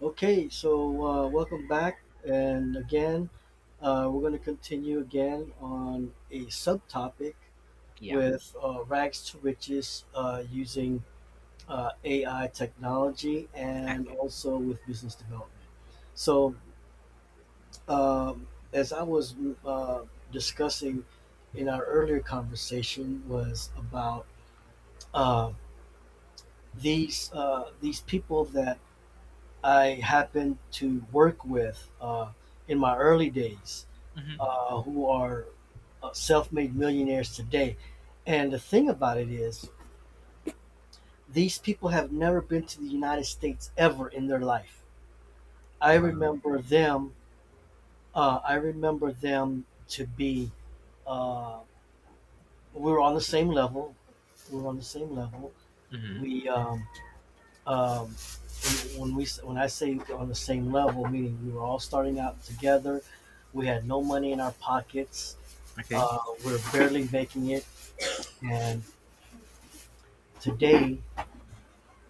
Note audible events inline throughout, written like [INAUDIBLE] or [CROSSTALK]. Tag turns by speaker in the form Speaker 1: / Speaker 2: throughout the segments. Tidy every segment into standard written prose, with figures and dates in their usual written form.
Speaker 1: Okay, so welcome back, and again, we're going to continue again on a subtopic
Speaker 2: Yeah.
Speaker 1: with rags to riches using AI technology and
Speaker 2: Okay.
Speaker 1: also with business development. So, as I was uh, discussing in our earlier conversation, was about uh, these these people that I happen to work with in my early days
Speaker 2: Mhm.
Speaker 1: who are self made millionaires today. And the thing about it is, these people have never been to the United States ever in their life. I
Speaker 2: Wow.
Speaker 1: remember them. I remember them to be. Uh, we were on the same level. We were on the same level.
Speaker 2: Mhm.
Speaker 1: We um, when, we when I say on the same level, meaning we were all starting out together, we had no money in our pockets,
Speaker 2: Okay.
Speaker 1: uh, we are barely making it, and today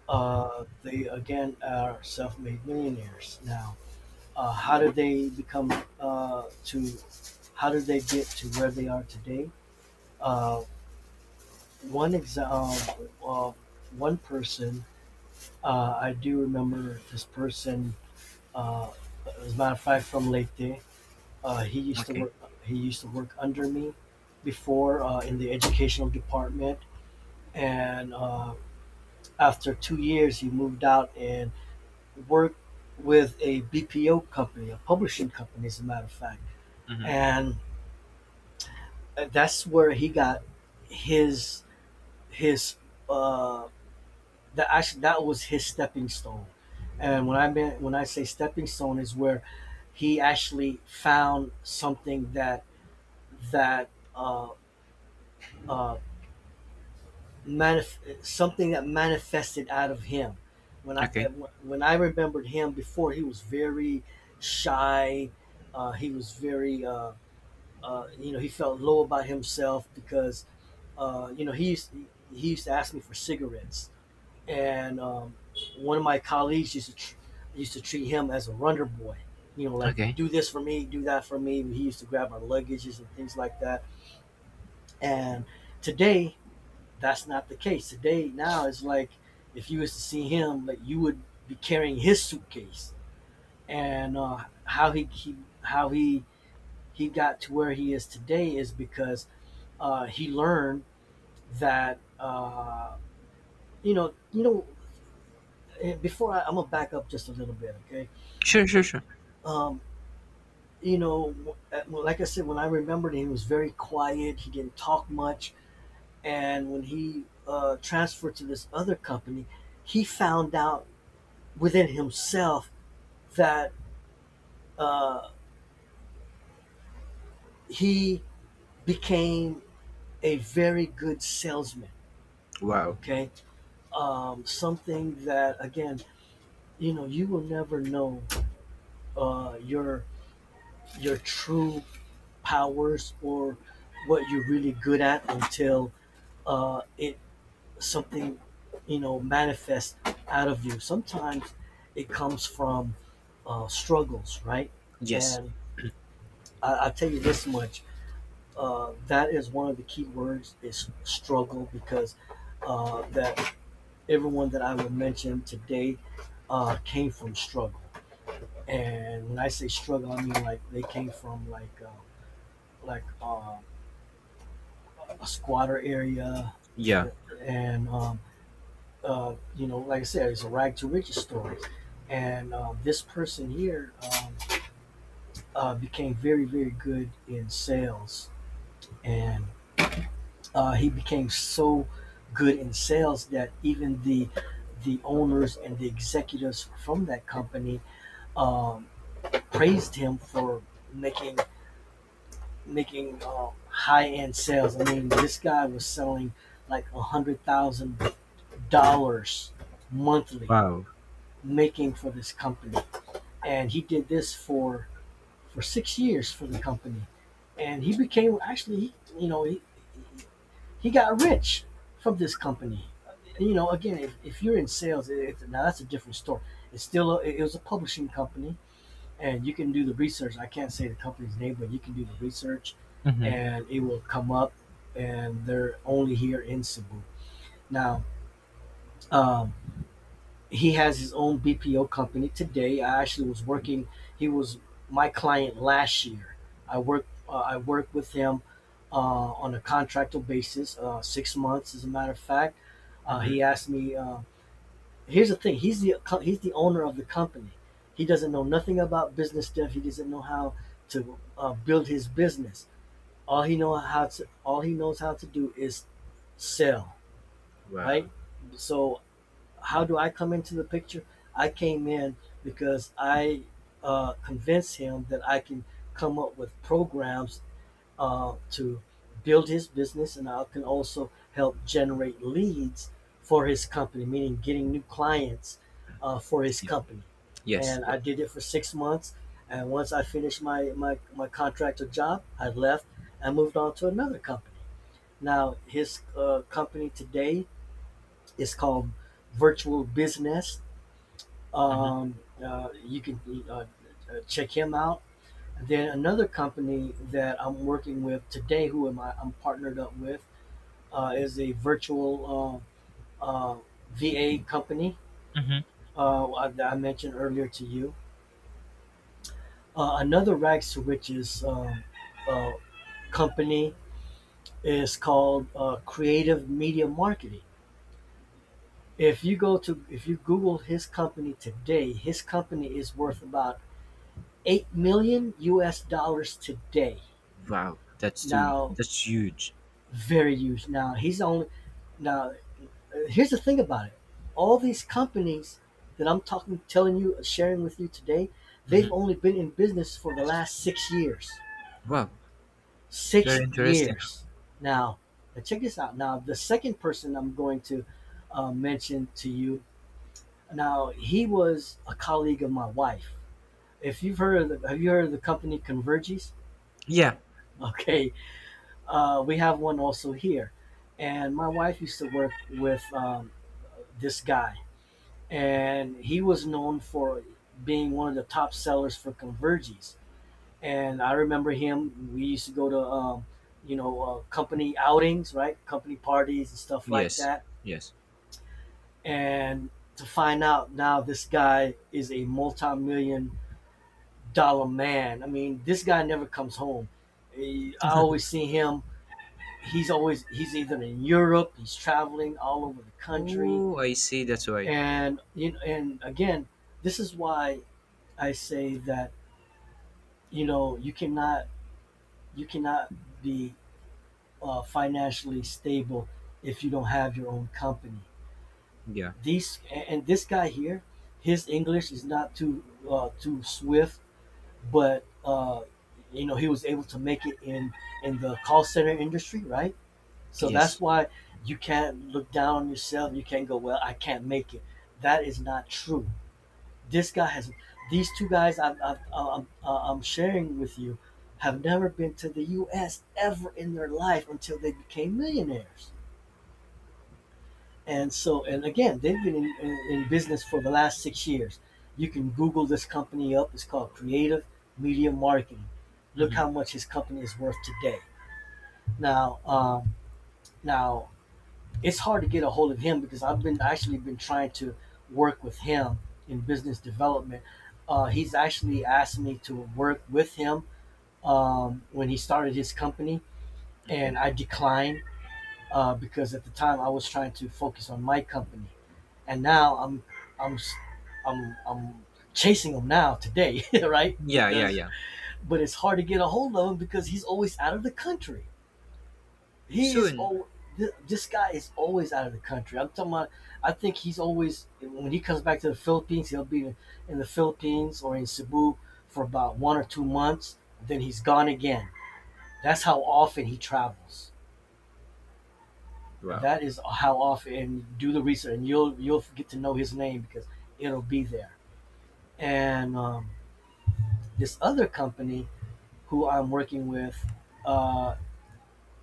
Speaker 1: they again are self-made millionaires. Now, how did they become to? How did they get to where they are today? Uh, One example, uh, one person I do remember this person. Uh, as a matter of fact, from Leyte, he used to
Speaker 2: Okay.
Speaker 1: work. He used to work under me before in the educational department, and after 2 years, he moved out and worked with a BPO company, a publishing company, as a matter of fact,
Speaker 2: Mhm.
Speaker 1: and that's where he got his his uh, that actually that was his stepping stone. And when I mean when I say stepping stone is where he actually found something that that uh, uh, something that manifested out of him. When I eh,
Speaker 2: Okay.
Speaker 1: when I remembered him before, he was very shy. He was very you know he felt low about himself because you know he used to ask me for cigarettes, and one of my colleagues used to treat him as a runner boy. You know, like
Speaker 2: Okay.
Speaker 1: do this for me, do that for me. He used to grab our luggages and things like that. And today that's not the case today. Now it's like if you was to see him, like you would be carrying his suitcase, and how he got to where he is today is because he learned that uh, you know you know. Before I'm gonna back up just a little bit, okay?
Speaker 2: Sure. Sure. Sure.
Speaker 1: Um, you know, well, like I said, when I remembered him, he was very quiet. He didn't talk much, and when he transferred to this other company, he found out within himself that uh, he became a very good salesman.
Speaker 2: Wow.
Speaker 1: Okay, something that again, you know, you will never know uh, your your true powers or what you're really good at until it something you know manifests out of you. Sometimes it comes from struggles, right?
Speaker 2: Yes.
Speaker 1: And I'll tell you this much: that is one of the key words is struggle because that everyone that I will mention today came from struggle. And when I say struggle, I mean like they came from like like uh, a squatter area,
Speaker 2: Yeah.
Speaker 1: and you know, like I said, it's a rag to riches story. And this person here became very good in sales, and he became so good in sales that even the owners and the executives from that company um, praised him for making making high end sales. I mean, this guy was selling like $100,000 monthly,
Speaker 2: Wow.
Speaker 1: making for this company, and he did this for 6 years for the company, and he became actually, you know, he got rich from this company. You know, again, if you're in sales, now that's a different story. It was a publishing company, and you can do the research. I can't say the company's name, but you can do the research,
Speaker 2: Mhm.
Speaker 1: and it will come up. And they're only here in Cebu. Now, um, he has his own BPO company today. I actually was working. He was my client last year. I worked. I worked with him uh, on a contractual basis, 6 months, as a matter of fact. He
Speaker 2: Mhm.
Speaker 1: asked me. Here's the thing. He's the owner of the company. He doesn't know nothing about business stuff. He doesn't know how to build his business. All he knows how to do is sell, right?
Speaker 2: Wow.
Speaker 1: So how do I come into the picture? I came in because I convinced him that I can come up with programs to build his business, and I can also help generate leads for his company, meaning getting new clients for his
Speaker 2: Yeah.
Speaker 1: company.
Speaker 2: Yes.
Speaker 1: And
Speaker 2: Yeah.
Speaker 1: I did it for 6 months. And once I finished my contractor job, I left and moved on to another company. Now, his company today is called Virtual Business
Speaker 2: Mhm.
Speaker 1: um, you can uh, uh, check him out. And then another company that I'm working with today, who am I? I'm partnered up with, is a virtual uh, uh, VA company
Speaker 2: Mhm.
Speaker 1: that I mentioned earlier to you. Another Rack Switches uh, company is called Creative Media Marketing. If you Google his company today, his company is worth about 8 million U.S. dollars today.
Speaker 2: Wow. That's too.
Speaker 1: Now
Speaker 2: That's huge.
Speaker 1: Very huge. Now he's only now. Here's the thing about it: all these companies that telling you, sharing with you today, they've
Speaker 2: Mhm.
Speaker 1: only been in business for the last 6 years.
Speaker 2: Wow.
Speaker 1: Six
Speaker 2: Very interesting.
Speaker 1: years. Now, now check this out. Now, the second person I'm going to mention to you. Now, he was a colleague of my wife. If you've heard of the, have you heard of the company Convergys? [LAUGHS]
Speaker 2: Yeah.
Speaker 1: Okay, we have one also here. And my wife used to work with this guy, and he was known for being one of the top sellers for Convergys. And I remember him. We used to go to, company outings, right? Company parties and stuff like
Speaker 2: Yes.
Speaker 1: that.
Speaker 2: Yes.
Speaker 1: And to find out now, this guy is a multi-million dollar man. I mean, this guy never comes home. I always see him he's either in Europe, he's traveling all over the country,
Speaker 2: Oh, I see. That's why.
Speaker 1: and you know, and again, this is why I say that you know you cannot be financially stable if you don't have your own company.
Speaker 2: Yeah.
Speaker 1: These and this guy here, his English is not too too swift, but you know he was able to make it in the call center industry, right? So that's
Speaker 2: Yes.
Speaker 1: why you can't look down on yourself. You can't go, well, I can't make it. That is not true. This guy has, these two guys I'm sharing with you have never been to the U.S. ever in their life until they became millionaires. And so, and again, they've been in business for the last 6 years. You can Google this company up. It's called Creative Media Marketing. Look
Speaker 2: Mhm.
Speaker 1: how much his company is worth today. Now, now it's hard to get a hold of him because I've been actually been trying to work with him in business development. He's actually asked me to work with him when he started his company,
Speaker 2: Okay.
Speaker 1: and I declined because at the time I was trying to focus on my company, and now I'm I I'm chasing him now today, [LAUGHS] right?
Speaker 2: Yeah. Yeah.
Speaker 1: Because
Speaker 2: Yeah.
Speaker 1: but it's hard to get a hold of him because he's always out of the country. He is
Speaker 2: Soon.
Speaker 1: oh This guy is always out of the country. I'm talking about. I think he's always when he comes back to the Philippines, he'll be in the Philippines or in Cebu for about 1 or 2 months. Then he's gone again. That's how often he travels.
Speaker 2: Wow.
Speaker 1: That is how often. And do the research, and you'll get to know his name because it'll be there. And this other company who I'm working with, uh,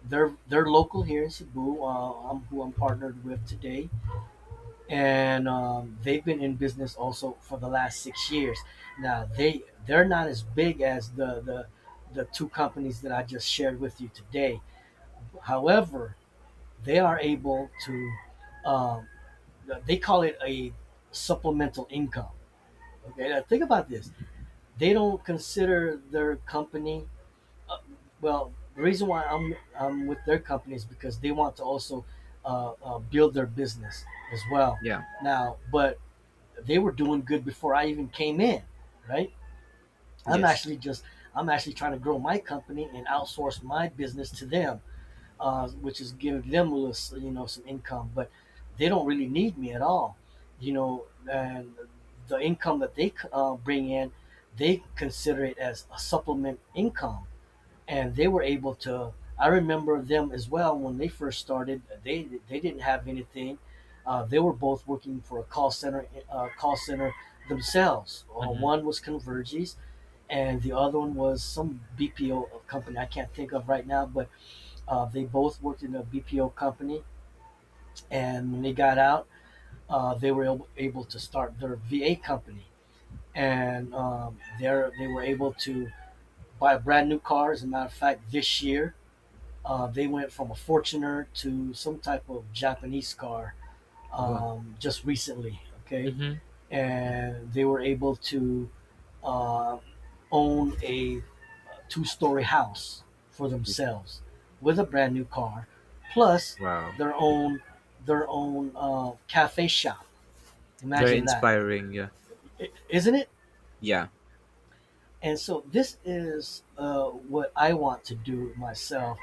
Speaker 1: they're local here in Cebu. Who I'm partnered with today and they've been in business also for the last 6 years. Now they're not as big as the the two companies that I just shared with you today. However, they are able to um, they call it a supplemental income. Okay, now think about this. They don't consider their company. Uh, well, the reason why I'm with their company is because they want to also build their business as well.
Speaker 2: Yeah.
Speaker 1: Now, but they were doing good before I even came in, right? I'm
Speaker 2: Yes.
Speaker 1: actually just I'm actually trying to grow my company and outsource my business to them, which is giving them a little, some income. But they don't really need me at all, And the income that they bring in, they consider it as a supplement income and they were able to. I remember them as well when they first started. They didn't have anything. They were both working for a call center themselves.
Speaker 2: Mhm.
Speaker 1: One was Convergys, and the other one was some BPO company I can't think of right now. But they both worked in a BPO company, and when they got out, they were able to start their VA company, and there they were able to buy brand new cars. As a matter of fact, this year they went from a Fortuner to some type of Japanese car
Speaker 2: Wow.
Speaker 1: just recently. Okay,
Speaker 2: Mhm.
Speaker 1: and they were able to uh, own a two-story house for themselves with a brand new car, plus
Speaker 2: Wow.
Speaker 1: their own their own cafe shop.
Speaker 2: Very
Speaker 1: Imagine that,
Speaker 2: inspiring. Yeah.
Speaker 1: not it?
Speaker 2: Yeah.
Speaker 1: And so this is what I want to do myself.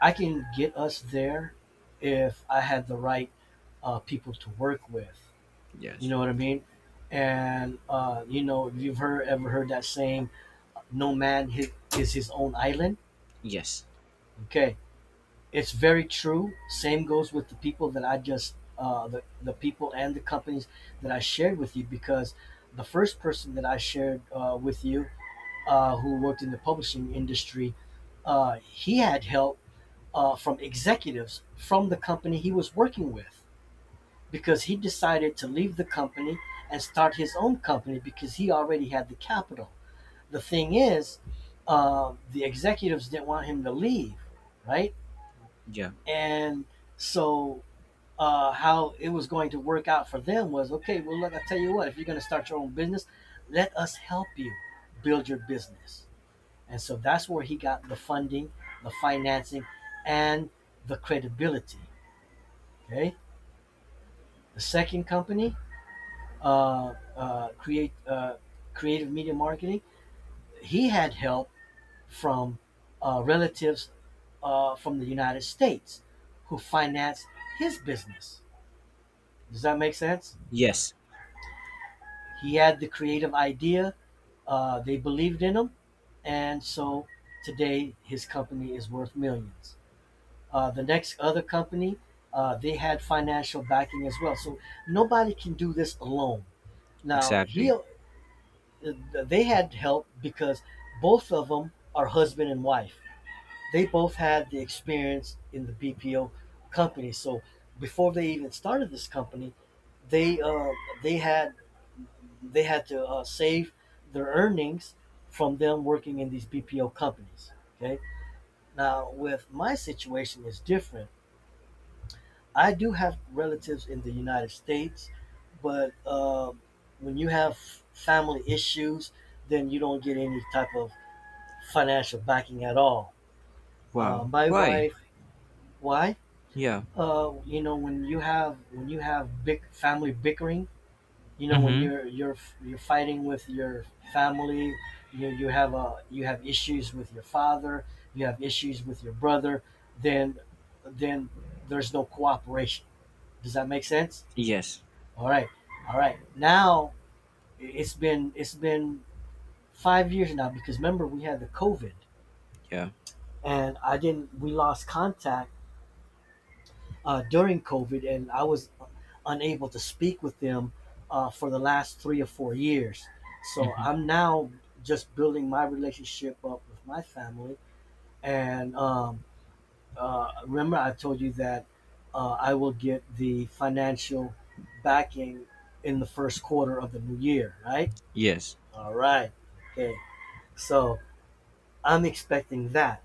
Speaker 1: I can get us there if I had the right people to work with. You
Speaker 2: Yes.
Speaker 1: know what I mean? And if you've heard that saying, "No man is his own island."
Speaker 2: Yes.
Speaker 1: Okay, it's very true. Same goes with the people that I just the people and the companies that I shared with you. Because the first person that I shared with you, who worked in the publishing industry, he had help from executives from the company he was working with, because he decided to leave the company and start his own company because he already had the capital. The thing is, the executives didn't want him to leave, right?
Speaker 2: Yeah.
Speaker 1: And so how it was going to work out for them was okay. Well, look, I tell you what, if you're going to start your own business, let us help you build your business. And so that's where he got the funding, the financing, and the credibility. Okay. The second company, create creative media marketing. He had help from relatives from the United States who financed his business. Does that make sense?
Speaker 2: Yes.
Speaker 1: He had the creative idea. They believed in him, and so today his company is worth millions. The next other company, they had financial backing as well. So nobody can do this alone. Now he,
Speaker 2: Exactly.
Speaker 1: uh, they had help because both of them are husband and wife. They both had the experience in the BPO company. So before they even started this company, they uh, they had they had to save their earnings from them working in these BPO companies. Okay. Now, with my situation is different. I do have relatives in the United States, but when you have family issues, then you don't get any type of financial backing at all.
Speaker 2: Wow.
Speaker 1: My
Speaker 2: Why?
Speaker 1: wife, why?
Speaker 2: Yeah.
Speaker 1: When you have big family bickering, you know, when
Speaker 2: Mm-hmm.
Speaker 1: you're you're fighting with your family, you have a you have issues with your father, you have issues with your brother, then then there's no cooperation. Does that make sense?
Speaker 2: Yes.
Speaker 1: All right. All right, now, it's been 5 years now, because remember we had the covid,
Speaker 2: Yeah.
Speaker 1: and I didn't we lost contact during COVID, and I was unable to speak with them for the last 3 or 4 years. So
Speaker 2: Mm-hmm.
Speaker 1: I'm now just building my relationship up with my family. And remember, I told you that I will get the financial backing in the first quarter of the new year, right?
Speaker 2: Yes.
Speaker 1: All right. Okay. So I'm expecting that.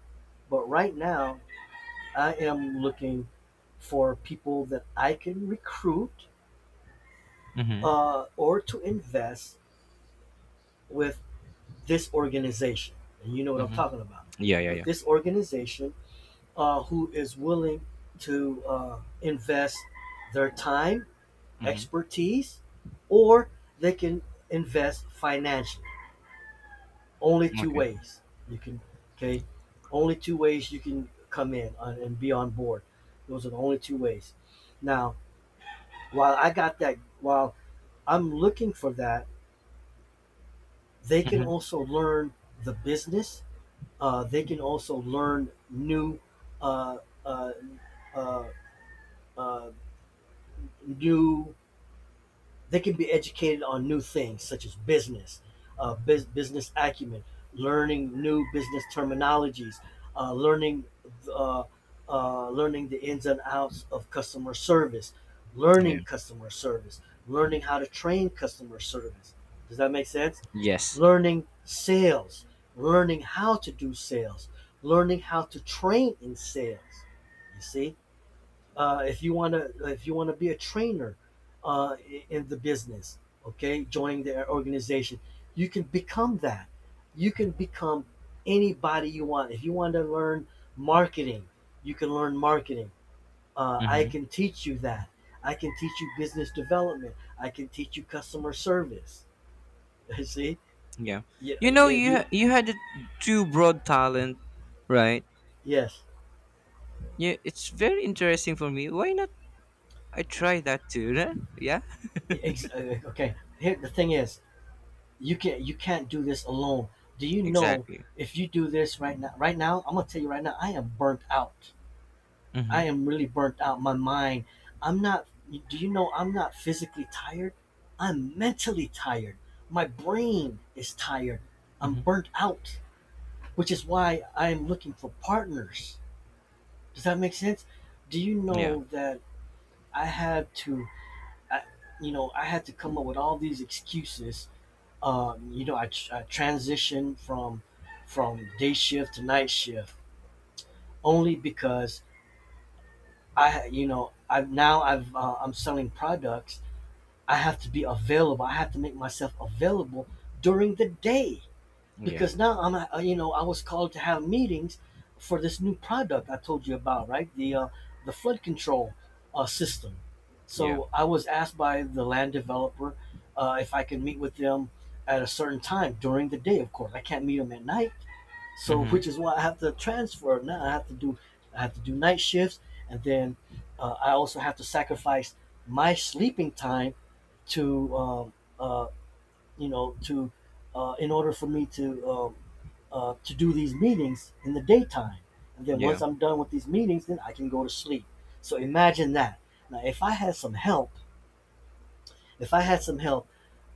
Speaker 1: But right now, I am looking for people that I can recruit
Speaker 2: Mm-hmm.
Speaker 1: or to invest with this organization. And you know what I'm
Speaker 2: Mm-hmm.
Speaker 1: talking about.
Speaker 2: Yeah. Yeah.
Speaker 1: With
Speaker 2: Yeah.
Speaker 1: this organization, who is willing to invest their time,
Speaker 2: Mm-hmm.
Speaker 1: expertise, or they can invest financially. Only two
Speaker 2: Okay.
Speaker 1: ways you can, okay? Only two ways you can come in on- and be on board. Those are the only two ways. Now, while I got that, while I'm looking for that, they can
Speaker 2: Mm-hmm.
Speaker 1: also learn the business. They can also learn new uh, uh, uh, uh, new they can be educated on new things such as business, business acumen, learning new business terminologies, learning uh, learning the ins and outs of customer service,
Speaker 2: Yeah.
Speaker 1: learning customer service, learning how to train customer service. Does that make sense?
Speaker 2: Yes.
Speaker 1: Learning sales, learning how to do sales, learning how to train in sales. You see, if you want to be a trainer uh, in the business. Okay, joining their organization, you can become that. You can become anybody you want. If you want to learn marketing, you can learn marketing. I
Speaker 2: Mm-hmm.
Speaker 1: can teach you that. I can teach you business development. I can teach you customer service. [LAUGHS] See.
Speaker 2: Yeah.
Speaker 1: Yeah,
Speaker 2: You know,
Speaker 1: if you
Speaker 2: you had a too broad talent, right?
Speaker 1: yes.
Speaker 2: Yeah. It's very interesting for me. Why not? I try that too. Huh? Yeah.
Speaker 1: Okay, here the thing is, you can't do this alone. Do you know
Speaker 2: Exactly.
Speaker 1: if you do this right now, I'm gonna tell you right now, I am burnt out.
Speaker 2: Mm-hmm.
Speaker 1: I am really burnt out. My mind, I'm not. Do you know I'm not physically tired? I'm mentally tired. My brain is tired. I'm
Speaker 2: Mm-hmm.
Speaker 1: burnt out, which is why I am looking for partners. Does that make sense? Do you
Speaker 2: Yeah.
Speaker 1: know that I had to, I, I had to come up with all these excuses. I transitioned from day shift to night shift only because, I'm selling products. I have to be available. I have to make myself available during the day,
Speaker 2: Yeah.
Speaker 1: because now I was called to have meetings for this new product I told you about, right? The flood control system.
Speaker 2: Yeah.
Speaker 1: So I was asked by the land developer if I could meet with them at a certain time during the day. Of course, I can't meet them at night. So
Speaker 2: Mm-hmm.
Speaker 1: which is why I have to transfer now. I have to do night shifts, and then I also have to sacrifice my sleeping time to uh, you know, to in order for me to do these meetings in the daytime. And then once
Speaker 2: Yeah.
Speaker 1: I'm done with these meetings, then I can go to sleep. So imagine that. Now, if I had some help, if I had some help,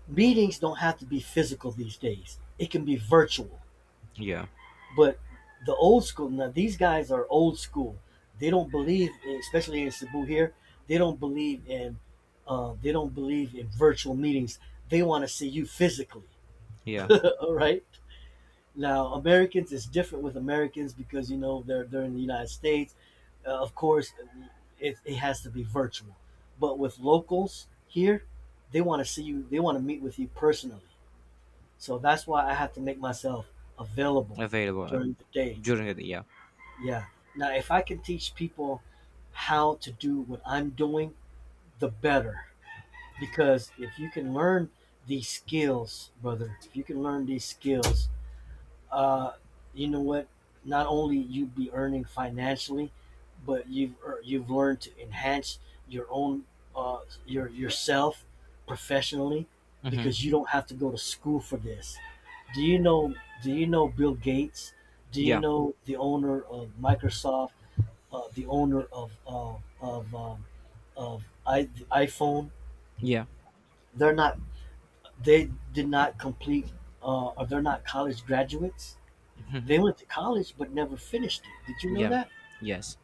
Speaker 1: meetings don't have to be physical these days. It can be virtual.
Speaker 2: Yeah.
Speaker 1: But the old school, now these guys are old school. They don't believe, especially in Cebu here, they don't believe in virtual meetings. They want to see you physically. [LAUGHS]
Speaker 2: Yeah.
Speaker 1: All right. Now, Americans is different. With Americans, because you know they're in the United States. Of course, it has to be virtual. But with locals here, they want to see you. They want to meet with you personally. So that's why I have to make myself available
Speaker 2: Available,
Speaker 1: during the day.
Speaker 2: during the yeah.
Speaker 1: Yeah. Now, if I can teach people how to do what I'm doing, the better. Because if you can learn these skills, brother, if you can learn these skills, uh, you know what? Not only you'd be earning financially, but you've learned to enhance your own, uh, yourself professionally,
Speaker 2: Mm-hmm.
Speaker 1: because you don't have to go to school for this. Do you know? Do you know Bill Gates? Do you
Speaker 2: Yeah.
Speaker 1: know the owner of Microsoft? The owner of of um, the iPhone?
Speaker 2: Yeah.
Speaker 1: They're not. They did not complete, or they're not college graduates.
Speaker 2: Mm-hmm.
Speaker 1: They went to college but never finished it. Did you know
Speaker 2: Yeah.
Speaker 1: that?
Speaker 2: Yes.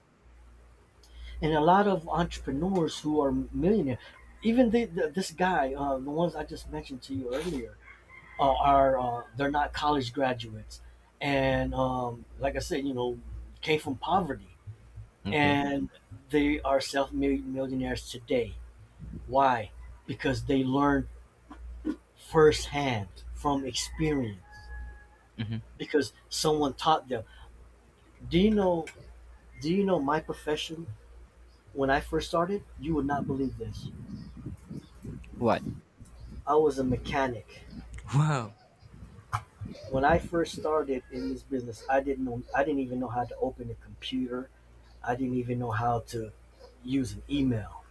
Speaker 1: And a lot of entrepreneurs who are millionaires, even the this guy, the ones I just mentioned to you earlier, are they're not college graduates, and like I said, you know, came from poverty,
Speaker 2: Okay.
Speaker 1: and they are self-millionaires made today. Why? Because they learned firsthand from experience.
Speaker 2: Mm-hmm.
Speaker 1: Because someone taught them. Do you know? Do you know my profession? When I first started, you would not believe this.
Speaker 2: What?
Speaker 1: I was a mechanic.
Speaker 2: Wow.
Speaker 1: When I first started in this business, I didn't even know how to open a computer. I didn't even know how to use an email.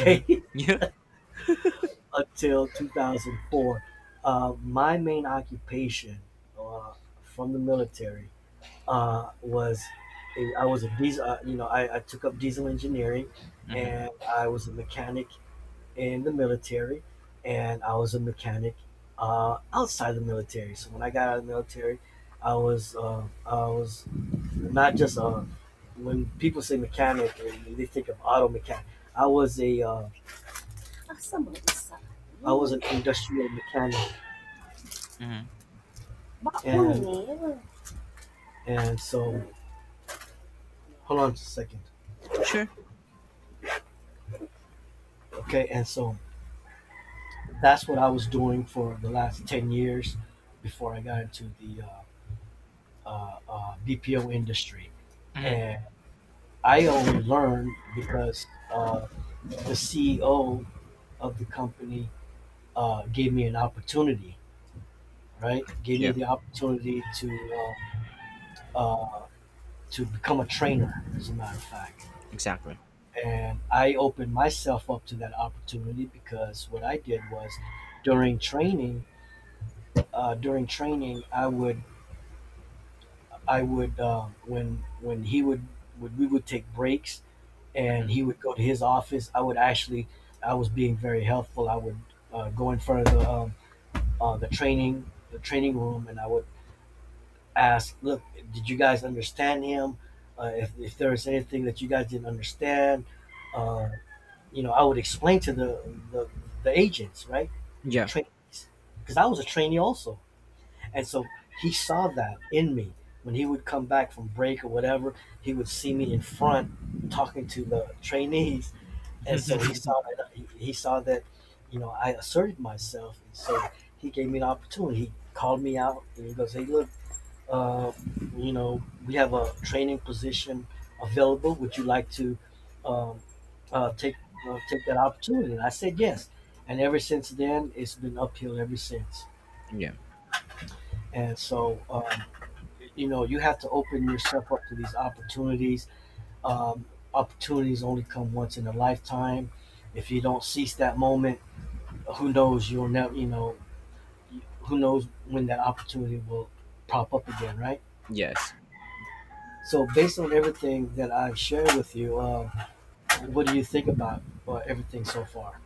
Speaker 2: Mm-hmm. [LAUGHS] Yeah.
Speaker 1: [LAUGHS] until 2004. My main occupation uh, from the military was I was a diesel. I took up diesel engineering, and
Speaker 2: Mm-hmm.
Speaker 1: I was a mechanic in the military, and I was a mechanic outside the military. So when I got out of the military, I was not just a when people say mechanic, they think of auto mechanic. I was a I was an industrial mechanic,
Speaker 2: Mm-hmm.
Speaker 1: and and so hold on just a second,
Speaker 2: Sure.
Speaker 1: okay. And so that's what I was doing for the last 10 years before I got into the BPO industry, and
Speaker 2: Mm-hmm.
Speaker 1: I only learned because the CEO of the company gave me an opportunity, right? Gave me
Speaker 2: Yeah.
Speaker 1: the opportunity uh, to become a trainer, as a matter of fact.
Speaker 2: Exactly.
Speaker 1: And I opened myself up to that opportunity because what I did was during training, during training, I would when he would when we would take breaks
Speaker 2: Mm-hmm.
Speaker 1: and he would go to his office. I would actually, I was being very helpful. I would go in front of the training room, and I would ask, "Look, did you guys understand him? If there was anything that you guys didn't understand, uh, I would explain to the agents, right, the
Speaker 2: Yeah.
Speaker 1: trainees, because I was a trainee also, and so he saw that in me when he would come back from break or whatever. He would see me in front talking to the trainees, and so
Speaker 2: [LAUGHS]
Speaker 1: saw that you know I asserted myself, and so he gave me an opportunity. He called me out, and he goes, "Hey, look, uh, you know we have a training position available. Would you like to um, uh, take take that opportunity?" And I said yes, and ever since then it's been uphill ever since.
Speaker 2: yeah.
Speaker 1: And you know you have to open yourself up to these opportunities. Um, Opportunities only come once in a lifetime. If you don't seize that moment, who knows you'll never you know who knows when that opportunity will pop up again, right?
Speaker 2: Yes.
Speaker 1: So based on everything that I've shared with you, what do you think about everything so far?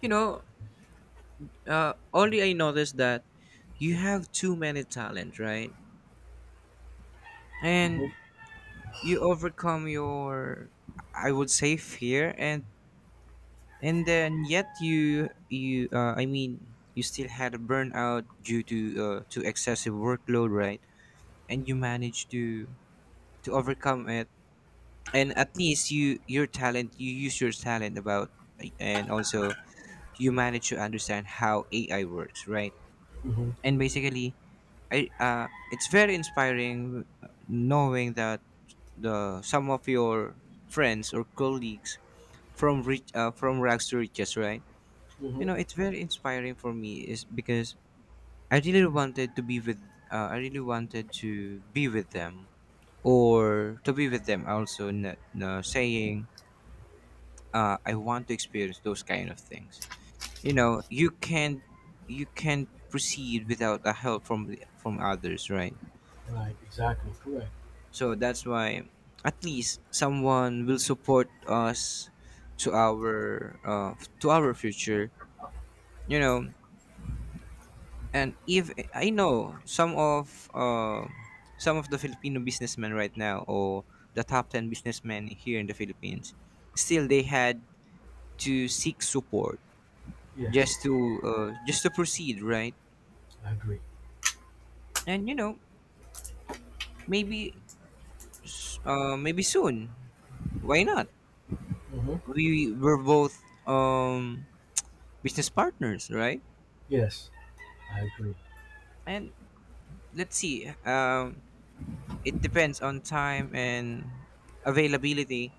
Speaker 2: You know, only I noticed that you have too many talent, right? And
Speaker 1: Hmm.
Speaker 2: you overcome your, I would say, fear, and then yet you I mean you still had a burnout due to, to excessive workload, right? And you managed to overcome it. And at least you your talent you use your talent about, and also you manage to understand how AI works, right?
Speaker 1: Hmm.
Speaker 2: And basically, I it's very inspiring, knowing that the some of your friends or colleagues from rags to riches, right? You
Speaker 1: Hmm.
Speaker 2: know, it's very inspiring for me, is because i really wanted to be with I really wanted to be with them, or to be with them also saying, I want to experience those kind of things. You know, you can't proceed without a help from others, right?
Speaker 1: Right, exactly, correct.
Speaker 2: So that's why at least someone will support us to our uh, to our future, you know. And if I know some of the Filipino businessmen right now, or the top 10 businessmen here in the Philippines, still they had to seek support
Speaker 1: Yes,
Speaker 2: just to just to proceed, right?
Speaker 1: I agree.
Speaker 2: And you know, maybe maybe soon, why not,
Speaker 1: Hmm.
Speaker 2: we were both, um, business partners, right?
Speaker 1: Yes, I agree.
Speaker 2: And let's see, it depends on time and availability,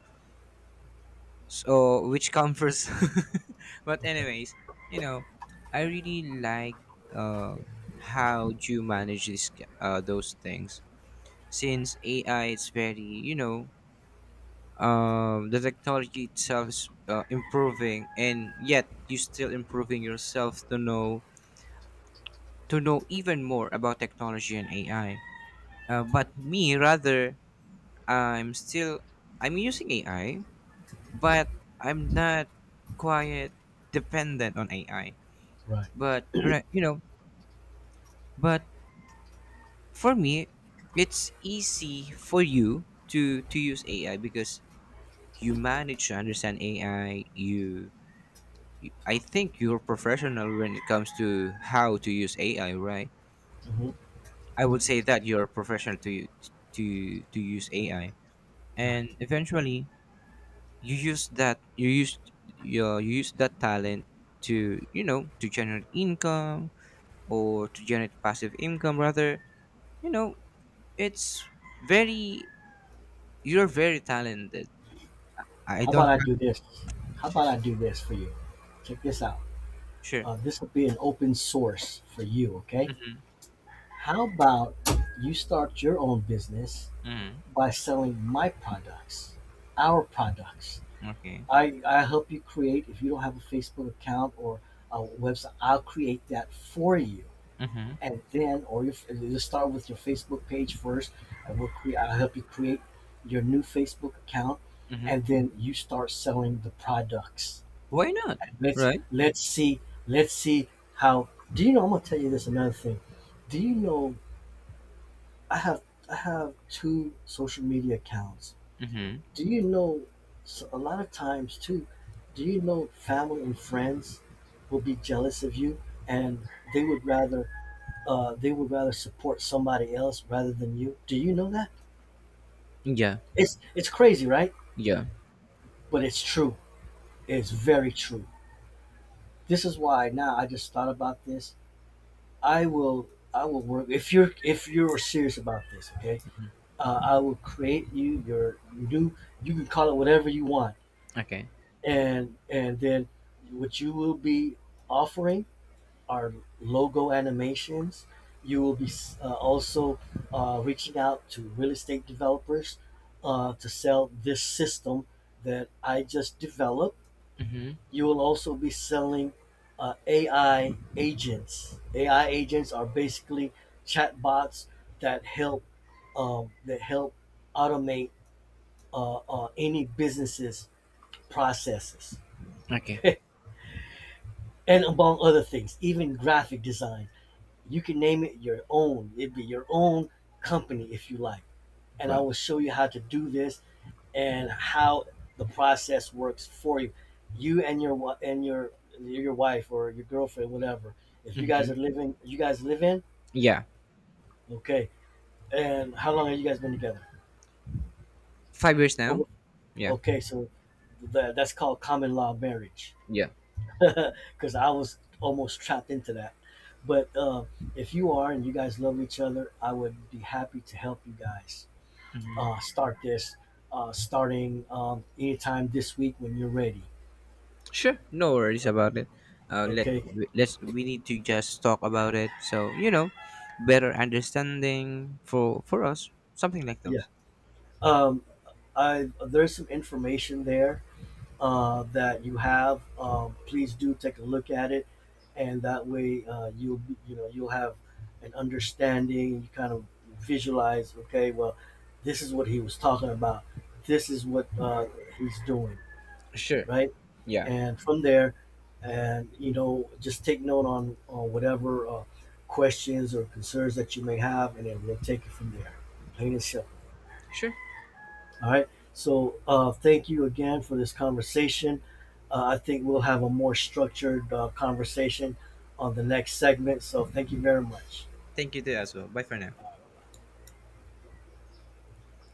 Speaker 2: so which comes first. [LAUGHS] But
Speaker 1: Okay.
Speaker 2: anyways, you know, I really like, uh, how you manage this those things, since AI is very, you know, the technology itself is, improving, and yet you still improving yourself to know, to know even more about technology and AI. But me rather, i'm still I'm using AI, but I'm not quite dependent on AI.
Speaker 1: Right.
Speaker 2: But right, but for me, it's easy for you to use AI, because you manage to understand AI. I think you're professional when it comes to how to use AI, right?
Speaker 1: Hmm.
Speaker 2: I would say that you're a professional to to to use AI, and
Speaker 1: Right.
Speaker 2: eventually you use that you use you use that talent to, to generate income, or to generate passive income rather. You know, it's very you're very talented. I
Speaker 1: How
Speaker 2: don't
Speaker 1: about I
Speaker 2: have.
Speaker 1: do this? How about I do this for you. Check this out.
Speaker 2: Sure.
Speaker 1: This will be an open source for you, okay?
Speaker 2: Mm-hmm.
Speaker 1: How about you start your own business
Speaker 2: Mm-hmm.
Speaker 1: by selling my products, our products?
Speaker 2: Okay.
Speaker 1: I help you create, if you don't have a Facebook account or a website, I'll create that for you.
Speaker 2: Mm-hmm.
Speaker 1: And then, or you just start with your Facebook page first, and I'll help you create your new Facebook account.
Speaker 2: Mm-hmm.
Speaker 1: And then you start selling the products.
Speaker 2: Why not?
Speaker 1: And
Speaker 2: Right.
Speaker 1: let's see how, do you know, I'm going to tell you this another thing. Do you know I have I have two social media accounts.
Speaker 2: Mm-hmm.
Speaker 1: Do you know, so a lot of times too, do you know family and friends will be jealous of you, and they would rather they would rather support somebody else rather than you. Do you know that?
Speaker 2: Yeah.
Speaker 1: It's crazy, right?
Speaker 2: Yeah.
Speaker 1: But it's true. It's very true. This is why now I just thought about this. I will I will work if you're serious about this, okay? I will create you your new, you can call it whatever you want,
Speaker 2: Okay.
Speaker 1: and then what you will be offering are logo animations. You will be also reaching out to real estate developers to sell this system that I just developed.
Speaker 2: Mm-hmm.
Speaker 1: You will also be selling AI agents. AI agents are basically chatbots that help automate any businesses processes.
Speaker 2: Okay.
Speaker 1: [LAUGHS] And among other things, even graphic design. You can name it your own. It'd be your own company if you like. And I
Speaker 2: Well.
Speaker 1: will show you how to do this and how the process works for you. You and and your your wife or your girlfriend, whatever. If you guys
Speaker 2: Mm-hmm.
Speaker 1: are living, you guys live in,
Speaker 2: Yeah.
Speaker 1: okay. And how long have you guys been together?
Speaker 2: 5 years
Speaker 1: Over-
Speaker 2: now. Yeah.
Speaker 1: Okay, so that's called common law marriage.
Speaker 2: Yeah.
Speaker 1: [LAUGHS] Because I was almost trapped into that. But if you are and you guys love each other, I would be happy to help you guys
Speaker 2: Mhm.
Speaker 1: start this, starting anytime this week when you're ready.
Speaker 2: Sure, no worries about it. Let
Speaker 1: Okay.
Speaker 2: we- let's we need to just talk about it. So, better understanding for us, something like
Speaker 1: Yeah.
Speaker 2: those.
Speaker 1: Um, I there's some information there that you have, please do take a look at it, and that way you'll be, you know, you'll have an understanding. You kind of visualize, okay, well, this is what he was talking about. This is what he's doing,
Speaker 2: Sure.
Speaker 1: right?
Speaker 2: Yeah.
Speaker 1: And from there, and you know, just take note on whatever questions or concerns that you may have, and then we'll take it from there. Plain and
Speaker 2: Sh-
Speaker 1: simple.
Speaker 2: sure.
Speaker 1: All right. So thank you again for this conversation. I think we'll have a more structured conversation on the next segment. So thank you very much.
Speaker 2: Thank you too as well. Bye for now.